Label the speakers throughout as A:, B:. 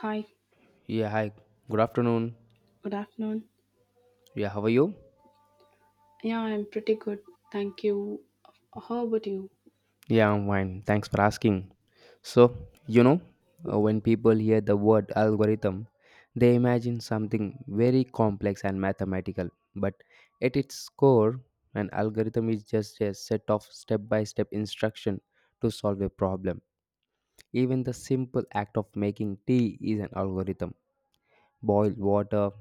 A: Hi,
B: Yeah, hi. Good afternoon.
A: good afternoon.
B: Yeah, how are you?
A: Yeah, I'm pretty good. Thank you. How about you?
B: Yeah, I'm fine. Thanks for asking. So, when people hear the word algorithm, they imagine something very complex and mathematical. But at its core, an algorithm is just a set of step by step instruction to solve a problem. Even the simple act of making tea is an algorithm. Boil water,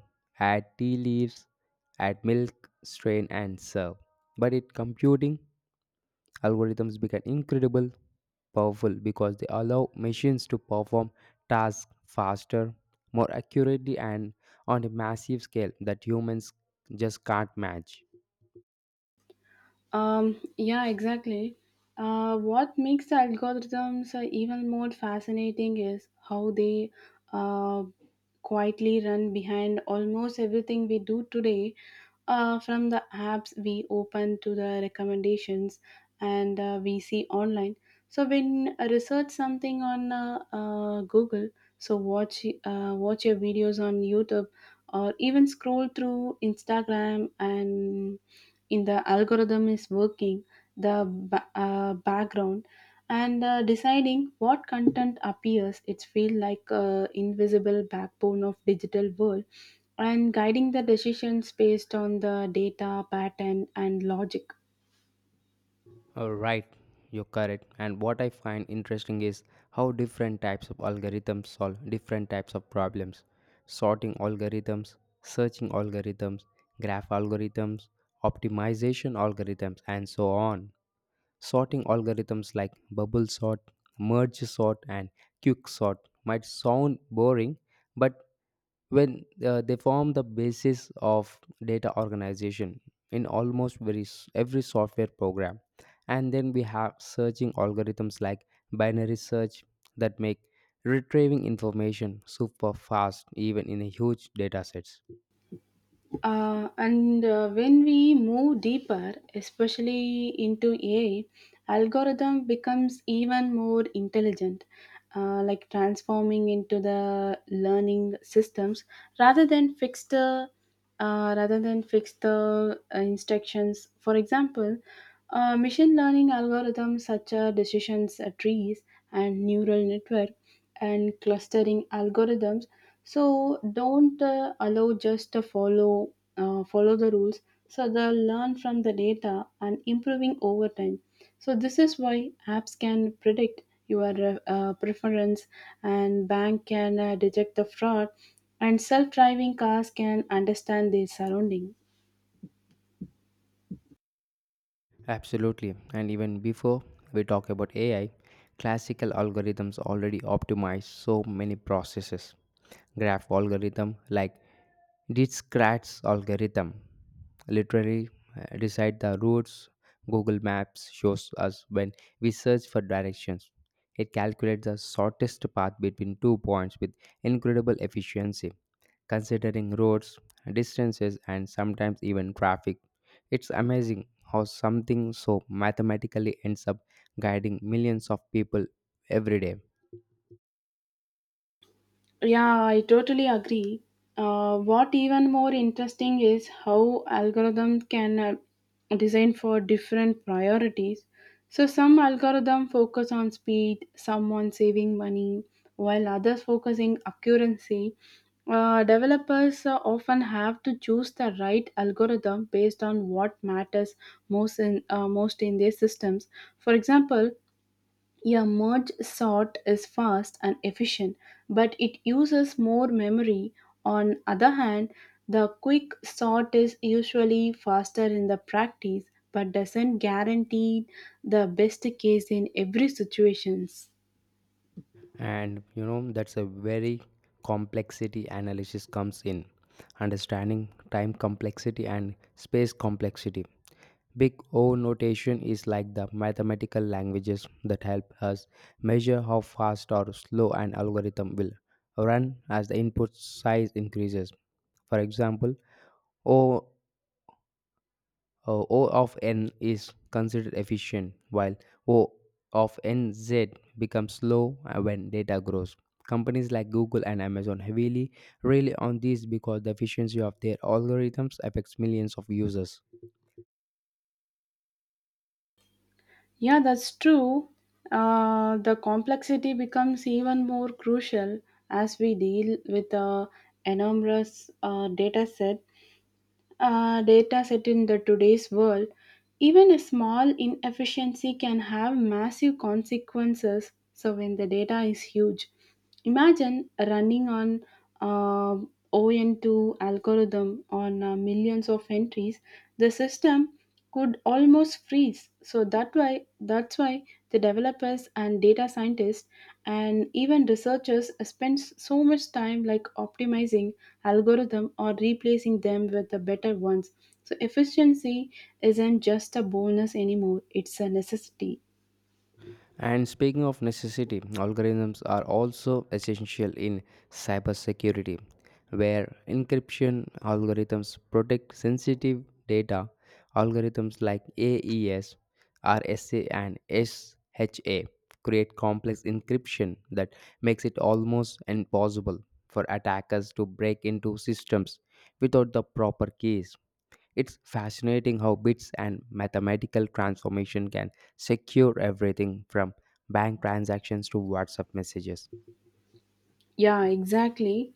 B: add tea leaves, add milk, strain, and serve. But in computing, algorithms become incredible powerful because they allow machines to perform tasks faster, more accurately, and on a massive scale that humans just can't match.
A: Yeah, exactly. What makes the algorithms even more fascinating is how they uh, quietly run behind almost everything we do today, from the apps we open to the recommendations and we see online. So when I research something on Google, so watch your videos on YouTube or even scroll through Instagram, and in the algorithm is working the background and deciding what content appears. It's feel like a invisible backbone of digital world, and guiding the decisions based on the data pattern and logic.
B: All right, you're correct. And what I find interesting is how different types of algorithms solve different types of problems: sorting algorithms, searching algorithms, graph algorithms, optimization algorithms, and so on. Sorting algorithms like bubble sort, merge sort, and quick sort might sound boring, but when they form the basis of data organization in almost every software program. And then we have searching algorithms like binary search that make retrieving information super fast even in a huge data sets.
A: And When we move deeper, especially into AI, algorithm becomes even more intelligent, like transforming into the learning systems rather than fixed uh, rather than fixed instructions. For example, machine learning algorithms such as decisions trees and neural network and clustering algorithms so don't allow just to follow the rules, so they learn from the data and improving over time. So this is why apps can predict your preference, and bank can detect the fraud, and self-driving cars can understand their surrounding.
B: Absolutely. And even before we talk about AI, classical algorithms already optimize so many processes. Graph algorithm like Dijkstra's algorithm literally decide the routes Google Maps shows us when we search for directions. It calculates the shortest path between two points with incredible efficiency, considering roads, distances, and sometimes even traffic. It's amazing how something so mathematically ends up guiding millions of people every day.
A: Yeah, I totally agree. What even more interesting is how algorithms can design for different priorities. So some algorithm focus on speed, some on saving money, while others focusing accuracy. Developers often have to choose the right algorithm based on what matters most in their systems. For example, a merge sort is fast and efficient, but it uses more memory. On other hand, the quick sort is usually faster in the practice, but doesn't guarantee the best case in every situations.
B: And that's a very complexity analysis comes in. Understanding time complexity and space complexity. Big O notation is like the mathematical languages that help us measure how fast or slow an algorithm will run as the input size increases. For example, O, o of n is considered efficient, while O of nz becomes slow when data grows. Companies like Google and Amazon heavily rely on this because the efficiency of their algorithms affects millions of users.
A: Yeah, that's true. The complexity becomes even more crucial as we deal with a enormous data set in the today's world. Even a small inefficiency can have massive consequences. So when the data is huge, imagine running on uh, ON2 algorithm on millions of entries. The system could almost freeze. So that's why the developers and data scientists and even researchers spend so much time like optimizing algorithm or replacing them with the better ones. So efficiency isn't just a bonus anymore, it's a necessity.
B: And speaking of necessity, algorithms are also essential in cybersecurity, where encryption algorithms protect sensitive data. Algorithms like AES, RSA, and SHA create complex encryption that makes it almost impossible for attackers to break into systems without the proper keys. It's fascinating how bits and mathematical transformation can secure everything from bank transactions to WhatsApp messages.
A: Yeah, exactly.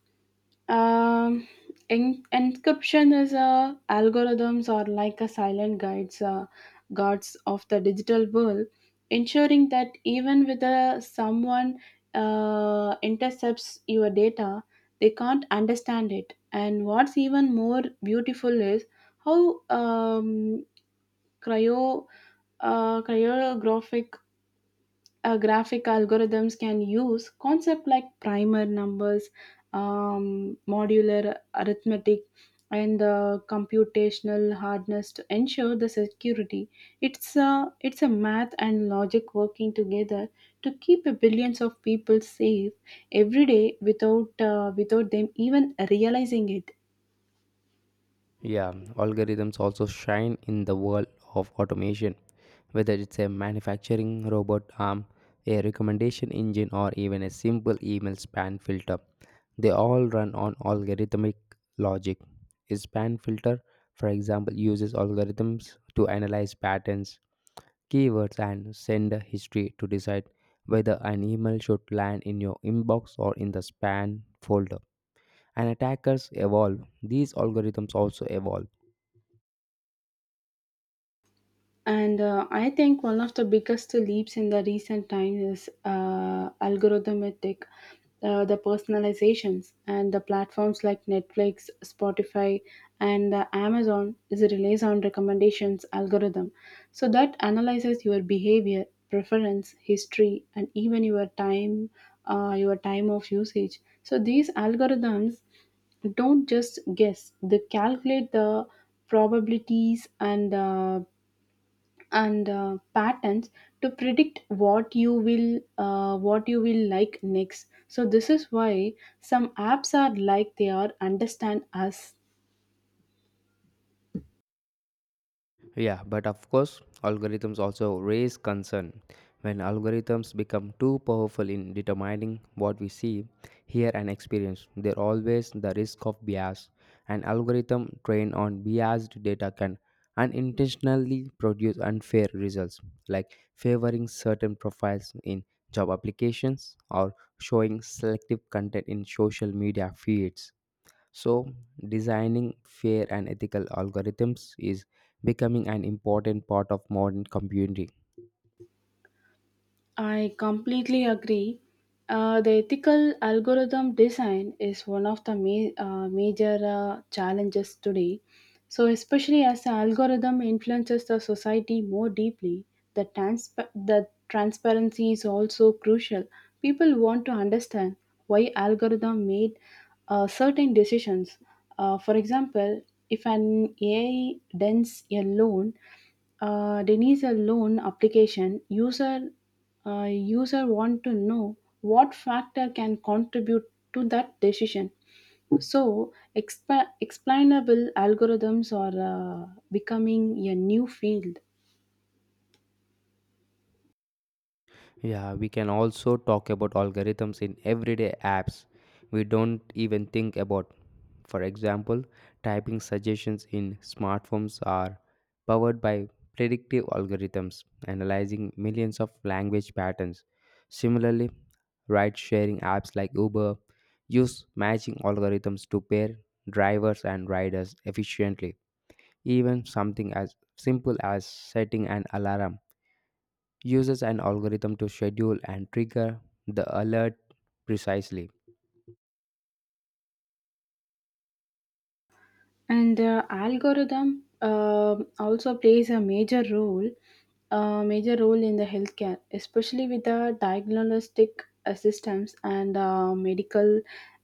A: Um, Encryption is a algorithms or like a guards of the digital world, ensuring that even with someone intercepts your data, they can't understand it. And what's even more beautiful is how cryo cryographic graphic algorithms can use concept like primer numbers, modular arithmetic, and the computational hardness to ensure the security. It's a math and logic working together to keep a billions of people safe every day without them even realizing it.
B: Yeah, algorithms also shine in the world of automation, whether it's a manufacturing robot arm, a recommendation engine, or even a simple email spam filter. They all run on algorithmic logic. A spam filter, for example, uses algorithms to analyze patterns, keywords, and sender history to decide whether an email should land in your inbox or in the spam folder. And attackers evolve, these algorithms also evolve.
A: And I think one of the biggest leaps in the recent time is the personalizations and the platforms like Netflix, Spotify, and Amazon is relies on recommendations algorithm. So that analyzes your behavior, preference, history, and even your time of usage. So these algorithms don't just guess; they calculate the probabilities and patterns to predict what you will like next. So this is why some apps are like they are understand us.
B: Yeah, but of course, algorithms also raise concern. When algorithms become too powerful in determining what we see, hear, and experience, there always the risk of bias. An algorithm trained on biased data can unintentionally produce unfair results, like favoring certain profiles in job applications or showing selective content in social media feeds. So, designing fair and ethical algorithms is becoming an important part of modern computing.
A: I completely agree. The ethical algorithm design is one of the major challenges today. So, especially as the algorithm influences the society more deeply, the transparency is also crucial. People want to understand why algorithm made certain decisions. For example, if an AI denies a loan application, user a user want to know what factor can contribute to that decision. So, explainable algorithms are becoming a new field.
B: Yeah, we can also talk about algorithms in everyday apps we don't even think about. For example, typing suggestions in smartphones are powered by predictive algorithms analyzing millions of language patterns. Similarly, ride sharing apps like Uber use matching algorithms to pair drivers and riders efficiently. Even something as simple as setting an alarm uses an algorithm to schedule and trigger the alert precisely.
A: And the algorithm also plays a major role in the healthcare, especially with the diagnostic systems and medical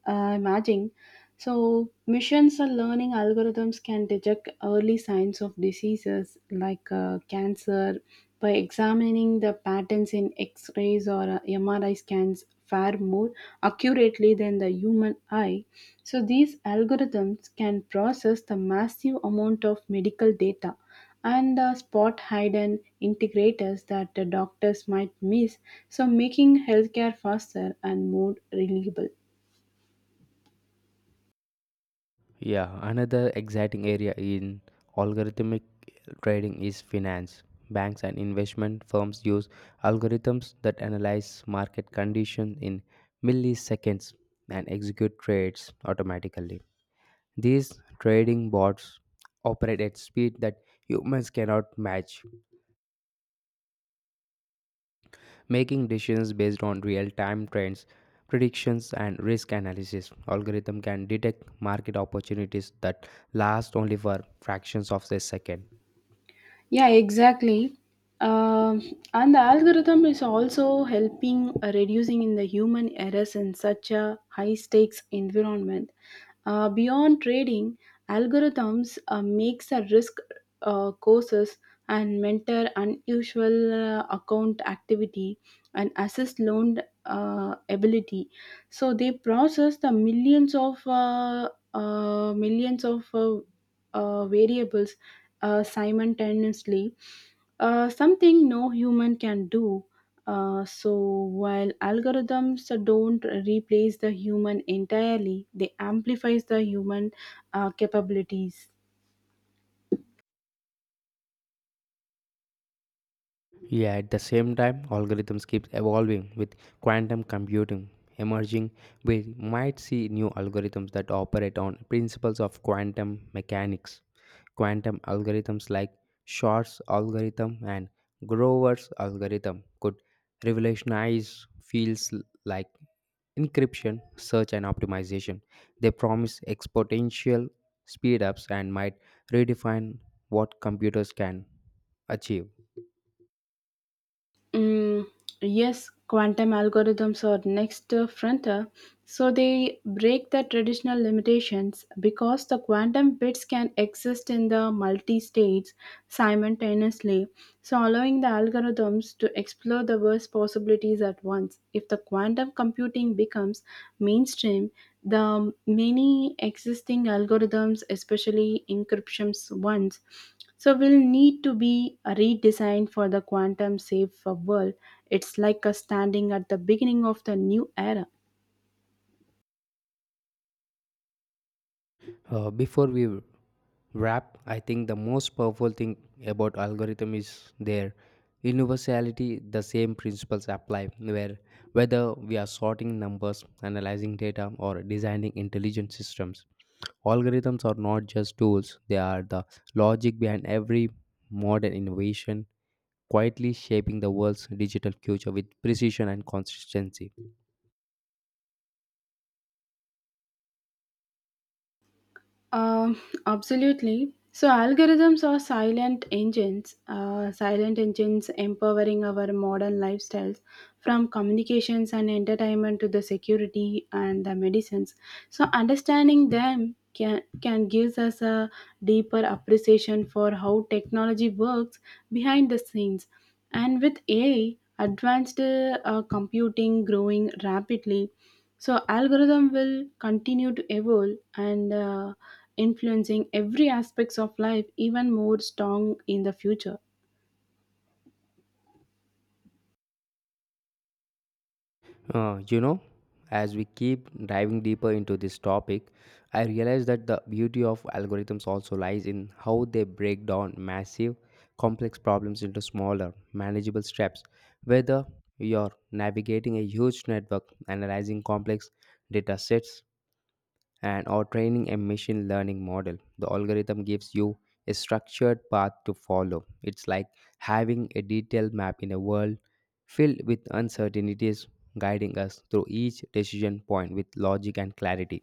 A: imaging. So, machines or learning algorithms can detect early signs of diseases like cancer by examining the patterns in X-rays or MRI scans far more accurately than the human eye. So, these algorithms can process the massive amount of medical data and spot hidden integrators that the doctors might miss, so making healthcare faster and more reliable.
B: Yeah, another exciting area in algorithmic trading is finance. Banks and investment firms use algorithms that analyze market conditions in milliseconds and execute trades automatically. These trading bots operate at speed that humans cannot match, making decisions based on real-time trends, predictions, and risk analysis. Algorithm can detect market opportunities that last only for fractions of a second.
A: Yeah, exactly. Um, and the algorithm is also helping reducing in the human errors in such a high stakes environment. Beyond trading, algorithms makes a risk courses and mentor unusual account activity and assess loan ability. So they process the millions of uh, millions of uh, variables simultaneously, something no human can do. So while algorithms don't replace the human entirely, they amplifies the human capabilities.
B: Yeah, at the same time, algorithms keep evolving with quantum computing emerging. We might see new algorithms that operate on principles of quantum mechanics. Quantum algorithms like Shor's algorithm and Grover's algorithm could revolutionize fields like encryption, search, and optimization. They promise exponential speedups and might redefine what computers can achieve.
A: Mm, yes, quantum algorithms are next frontier. So they break the traditional limitations because the quantum bits can exist in the multi-states simultaneously, so allowing the algorithms to explore the worst possibilities at once. If the quantum computing becomes mainstream, the many existing algorithms, especially encryptions ones, so will need to be redesigned for the quantum safe world. It's like a standing at the beginning of the new era.
B: Before we wrap, I think the most powerful thing about algorithm is their universality. The same principles apply, where whether we are sorting numbers, analyzing data, or designing intelligent systems. Algorithms are not just tools; they are the logic behind every modern innovation, quietly shaping the world's digital future with precision and consistency.
A: Um, Absolutely. So algorithms are silent engines empowering our modern lifestyles from communications and entertainment to the security and the medicines. So understanding them can gives us a deeper appreciation for how technology works behind the scenes. And with AI, advanced computing growing rapidly, so algorithm will continue to evolve and influencing every aspects of life even more strong in the future.
B: Uh, you know, as we keep diving deeper into this topic, I realize that the beauty of algorithms also lies in how they break down massive, complex problems into smaller, manageable steps. Whether you're navigating a huge network, analyzing complex data sets, and or training a machine learning model, the algorithm gives you a structured path to follow. It's like having a detailed map in a world filled with uncertainties, guiding us through each decision point with logic and clarity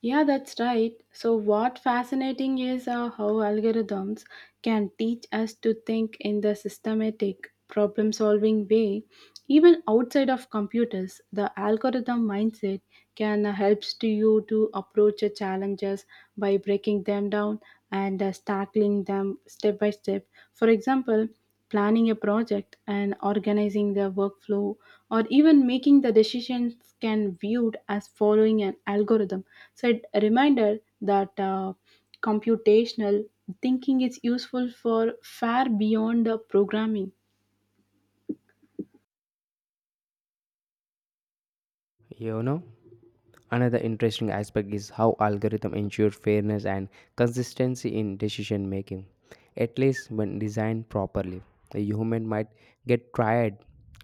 A: Yeah, that's right. So, what fascinating is how algorithms can teach us to think in the systematic, problem solving way. Even outside of computers, the algorithm mindset can helps to you to approach your challenges by breaking them down and tackling them step by step. For example, planning a project and organizing their workflow or even making the decisions can viewed as following an algorithm, so a reminder that computational thinking is useful for far beyond the programming.
B: you know Another interesting aspect is how algorithms ensure fairness and consistency in decision making. At least when designed properly, a human might get tired,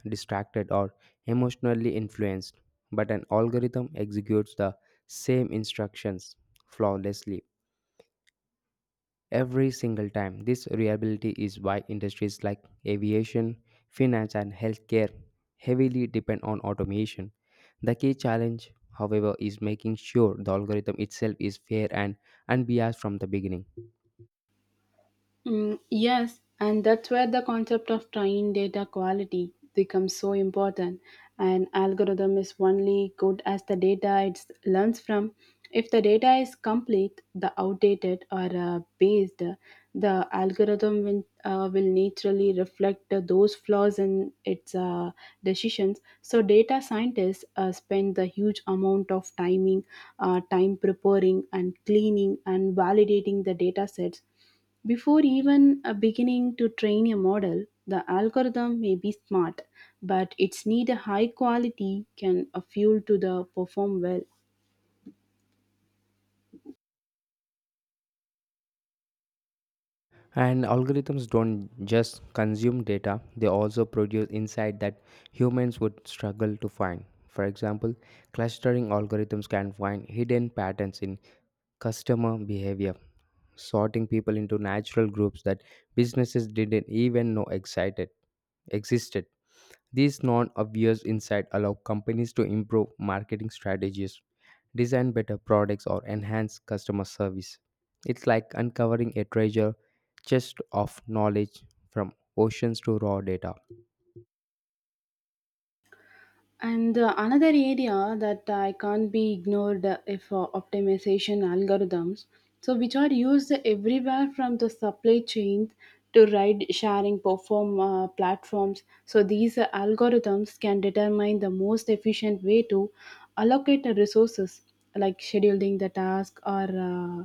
B: distracted, or emotionally influenced, but an algorithm executes the same instructions flawlessly every single time. This reliability is why industries like aviation, finance, and healthcare heavily depend on automation. The key challenge, however, is making sure the algorithm itself is fair and unbiased from the beginning.
A: Mm, yes, and that's where the concept of trained data quality becomes so important. An algorithm is only good as the data it learns from. If the data is complete, the outdated or based, the algorithm will naturally reflect those flaws in its decisions. So, data scientists spend the huge amount of time preparing and cleaning and validating the data sets before even beginning to train a model. The algorithm may be smart, but it's need a high quality can a fuel to the perform well.
B: And algorithms don't just consume data, they also produce insight that humans would struggle to find. For example, clustering algorithms can find hidden patterns in customer behavior, sorting people into natural groups that businesses didn't even know existed. These non obvious insights allow companies to improve marketing strategies, design better products, or enhance customer service. It's like uncovering a treasure chest of knowledge from oceans to raw data.
A: And Another area that I can't be ignored if optimization algorithms, so which are used everywhere from the supply chain to ride sharing perform platforms. So these algorithms can determine the most efficient way to allocate the resources, like scheduling the task or uh,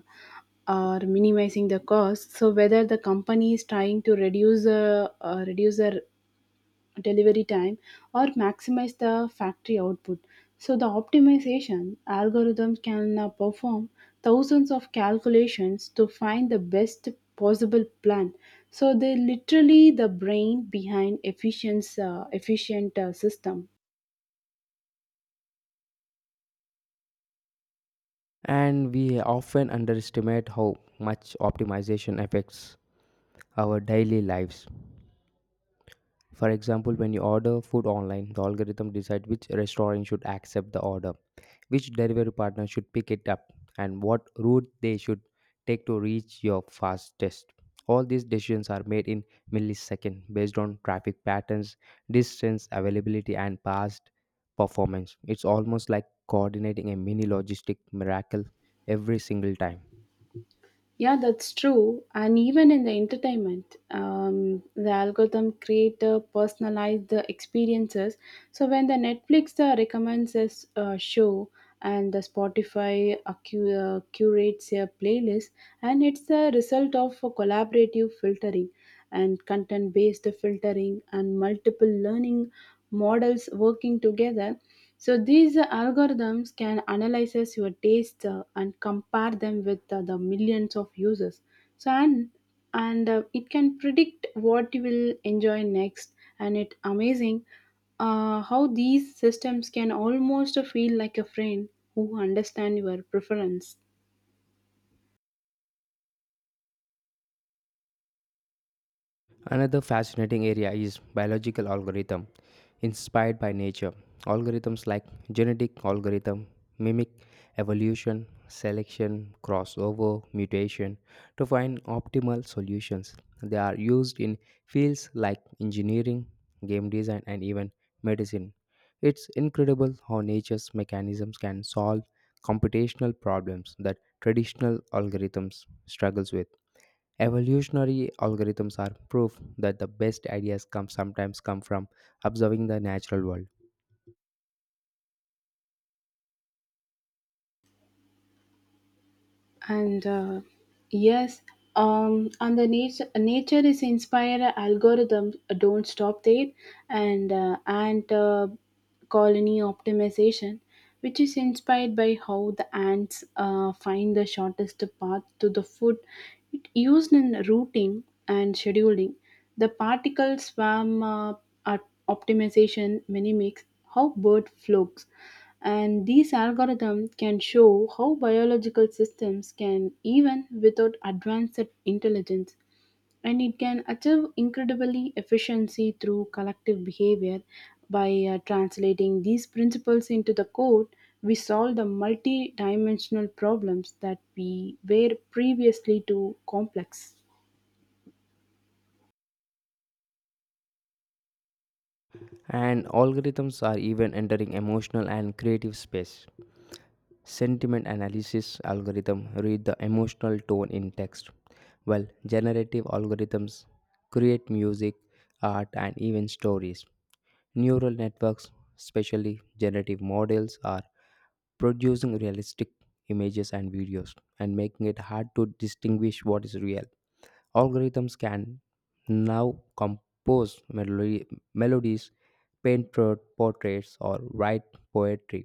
A: or minimizing the cost. So whether the company is trying to reduce the delivery time or maximize the factory output. So the optimization algorithm can perform thousands of calculations to find the best possible plan. So they literally the brain behind efficient system.
B: And we often underestimate how much optimization affects our daily lives. For example, when you order food online, the algorithm decides which restaurant should accept the order, which delivery partner should pick it up, and what route they should take to reach your fastest. All these decisions are made in milliseconds based on traffic patterns, distance, availability, and past performance. It's almost like coordinating a mini logistic miracle every single time.
A: Yeah, that's true. And even in the entertainment, the algorithm creator personalize the experiences. So when the Netflix recommends a show, and the Spotify curates a playlist, and it's the result of a collaborative filtering and content-based filtering and multiple learning models working together. So these algorithms can analyze your taste and compare them with the millions of users. So and it can predict what you will enjoy next. And it's amazing how these systems can almost feel like a friend who understand your preference.
B: Another fascinating area is biological algorithm inspired by nature. Algorithms like genetic algorithm mimic evolution, selection, crossover, mutation to find optimal solutions. They are used in fields like engineering, game design, and even medicine. It's incredible how nature's mechanisms can solve computational problems that traditional algorithms struggles with. Evolutionary algorithms are proof that the best ideas come sometimes come from observing the natural world.
A: And Yes, and the nature is inspired algorithm don't stop there. And ant colony optimization, which is inspired by how the ants find the shortest path to the food, it used in routing and scheduling. The particle swarm op- optimization, minimix, how bird flocks. And these algorithms can show how biological systems can, even without advanced intelligence, and it can achieve incredibly efficiency through collective behavior by translating these principles into the code. We solve the multi-dimensional problems that we were previously too complex.
B: And algorithms are even entering emotional and creative space. Sentiment analysis algorithm read the emotional tone in text, while generative algorithms create music, art, and even stories. Neural networks, especially generative models, are producing realistic images and videos, and making it hard to distinguish what is real. Algorithms can now compose melodies, paint portraits, or write poetry,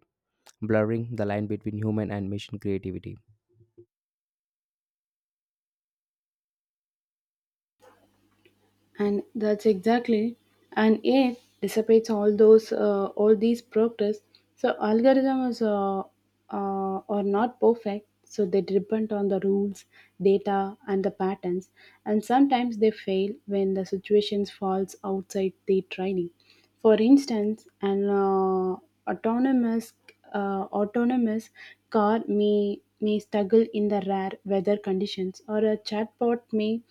B: blurring the line between human and machine creativity.
A: And that's exactly, and it dissipates all these progress. So algorithms are not perfect, so they depend on the rules, data and the patterns, and sometimes they fail when the situations falls outside their training. For instance, an autonomous autonomous car may struggle in the rare weather conditions, or a chatbot may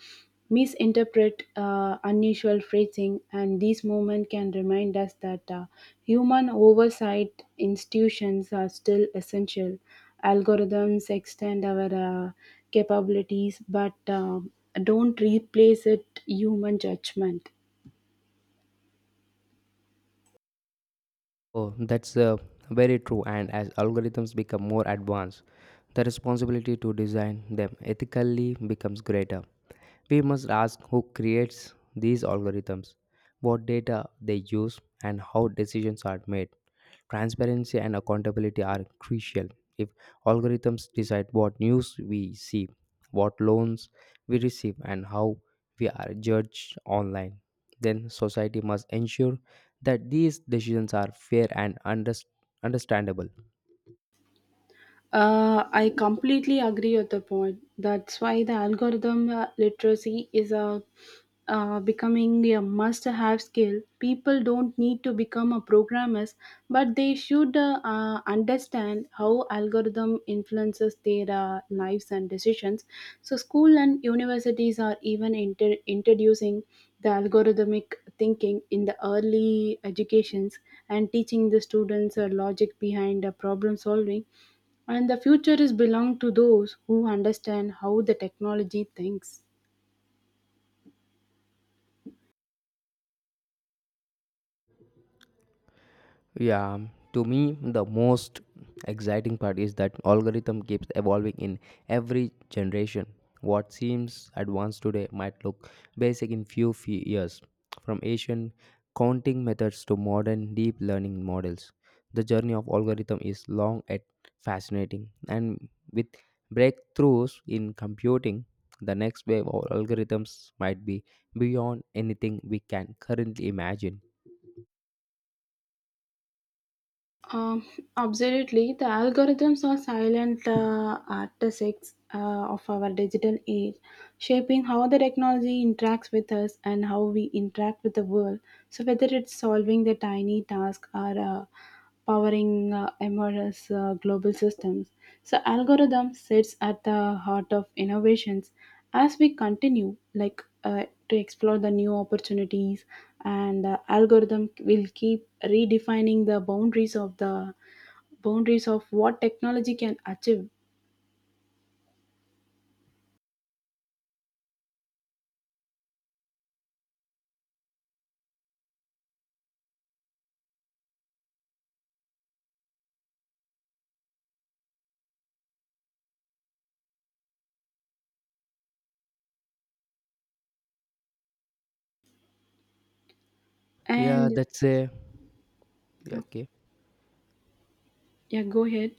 A: misinterpret unusual phrasing, and these moments can remind us that human oversight institutions are still essential. Algorithms extend our capabilities, but don't replace it human judgment.
B: Oh, that's very true. And as algorithms become more advanced, the responsibility to design them ethically becomes greater. We must ask who creates these algorithms, what data they use, and how decisions are made. Transparency and accountability are crucial. If algorithms decide what news we see, what loans we receive, and how we are judged online, then society must ensure that these decisions are fair and understandable.
A: I completely agree with the point. That's why the algorithm literacy is a becoming a must-have skill. People don't need to become a programmers, but they should understand how algorithm influences their lives and decisions. So, school and universities are even introducing the algorithmic thinking in the early educations and teaching the students logic behind problem solving, and the future is belong to those who understand how the technology thinks.
B: Yeah, to me, the most exciting part is that algorithm keeps evolving in every generation. What seems advanced today might look basic in few years. From ancient counting methods to modern deep learning models, the journey of algorithm is long and fascinating. And with breakthroughs in computing, the next wave of algorithms might be beyond anything we can currently imagine.
A: Um, Absolutely. The algorithms are silent artisans of our digital age, shaping how the technology interacts with us and how we interact with the world. So, whether it's solving the tiny task or powering MRS global systems, so algorithm sits at the heart of innovations. As we continue, to explore the new opportunities, and algorithm will keep redefining the boundaries of what technology can achieve
B: Yeah,
A: and
B: that's a yeah,
A: yeah,
B: okay.
A: yeah, go ahead.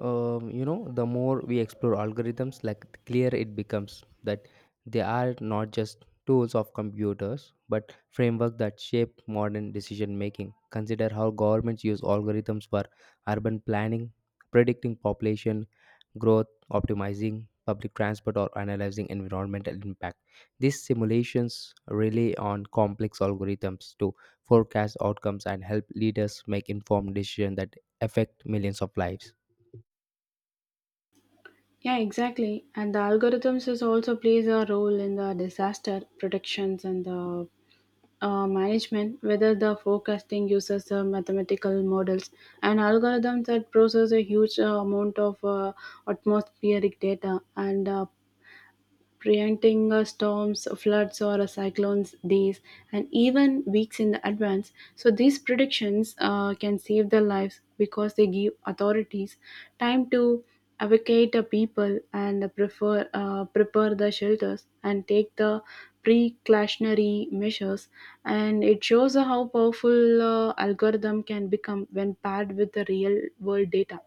B: The more we explore algorithms, like the clear it becomes that they are not just tools of computers but framework that shape modern decision making. Consider how governments use algorithms for urban planning, predicting population growth, optimizing public transport, or analyzing environmental impact. These simulations rely on complex algorithms to forecast outcomes and help leaders make informed decisions that affect millions of lives.
A: Yeah, exactly. And the algorithms is also plays a role in the disaster protections and the management. Whether the forecasting uses the mathematical models and algorithms that process a huge amount of atmospheric data and preventing storms, floods, or cyclones days and even weeks in advance. So these predictions can save their lives because they give authorities time to evacuate the people and prepare the shelters and take the precautionary measures. And it shows how powerful algorithm can become when paired with the real world data.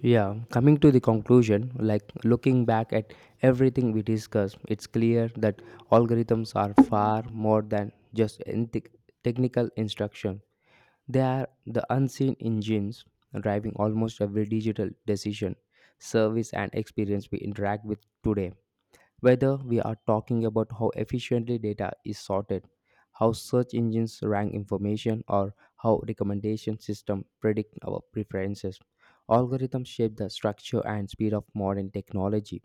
B: Yeah, coming to the conclusion, like looking back at everything we discussed, it's clear that algorithms are far more than just technical instruction. They are the unseen engines driving almost every digital decision, service, and experience we interact with today. Whether we are talking about how efficiently data is sorted, how search engines rank information, or how recommendation systems predict our preferences, algorithms shape the structure and speed of modern technology.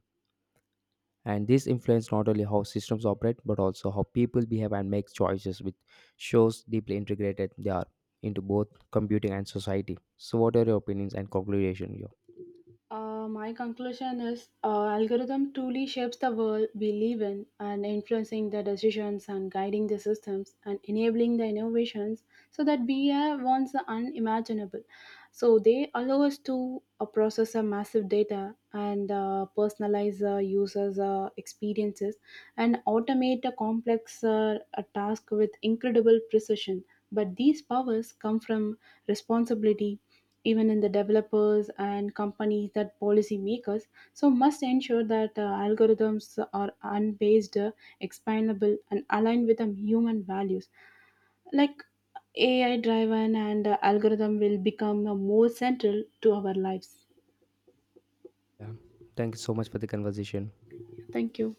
B: And this influence not only how systems operate but also how people behave and make choices, which shows deeply integrated they are into both computing and society. So, what are your opinions and conclusion here?
A: My conclusion is algorithm truly shapes the world we live in and influencing the decisions and guiding the systems and enabling the innovations so that we once the unimaginable. So they allow us to process a massive data and personalize users' experiences and automate a task with incredible precision. But these powers come from responsibility, even in the developers and companies that policy makers so must ensure that algorithms are unbased, explainable and aligned with human values like ai driven and algorithm will become more central to our lives.
B: Yeah. Thank you so much for the conversation.
A: Thank you.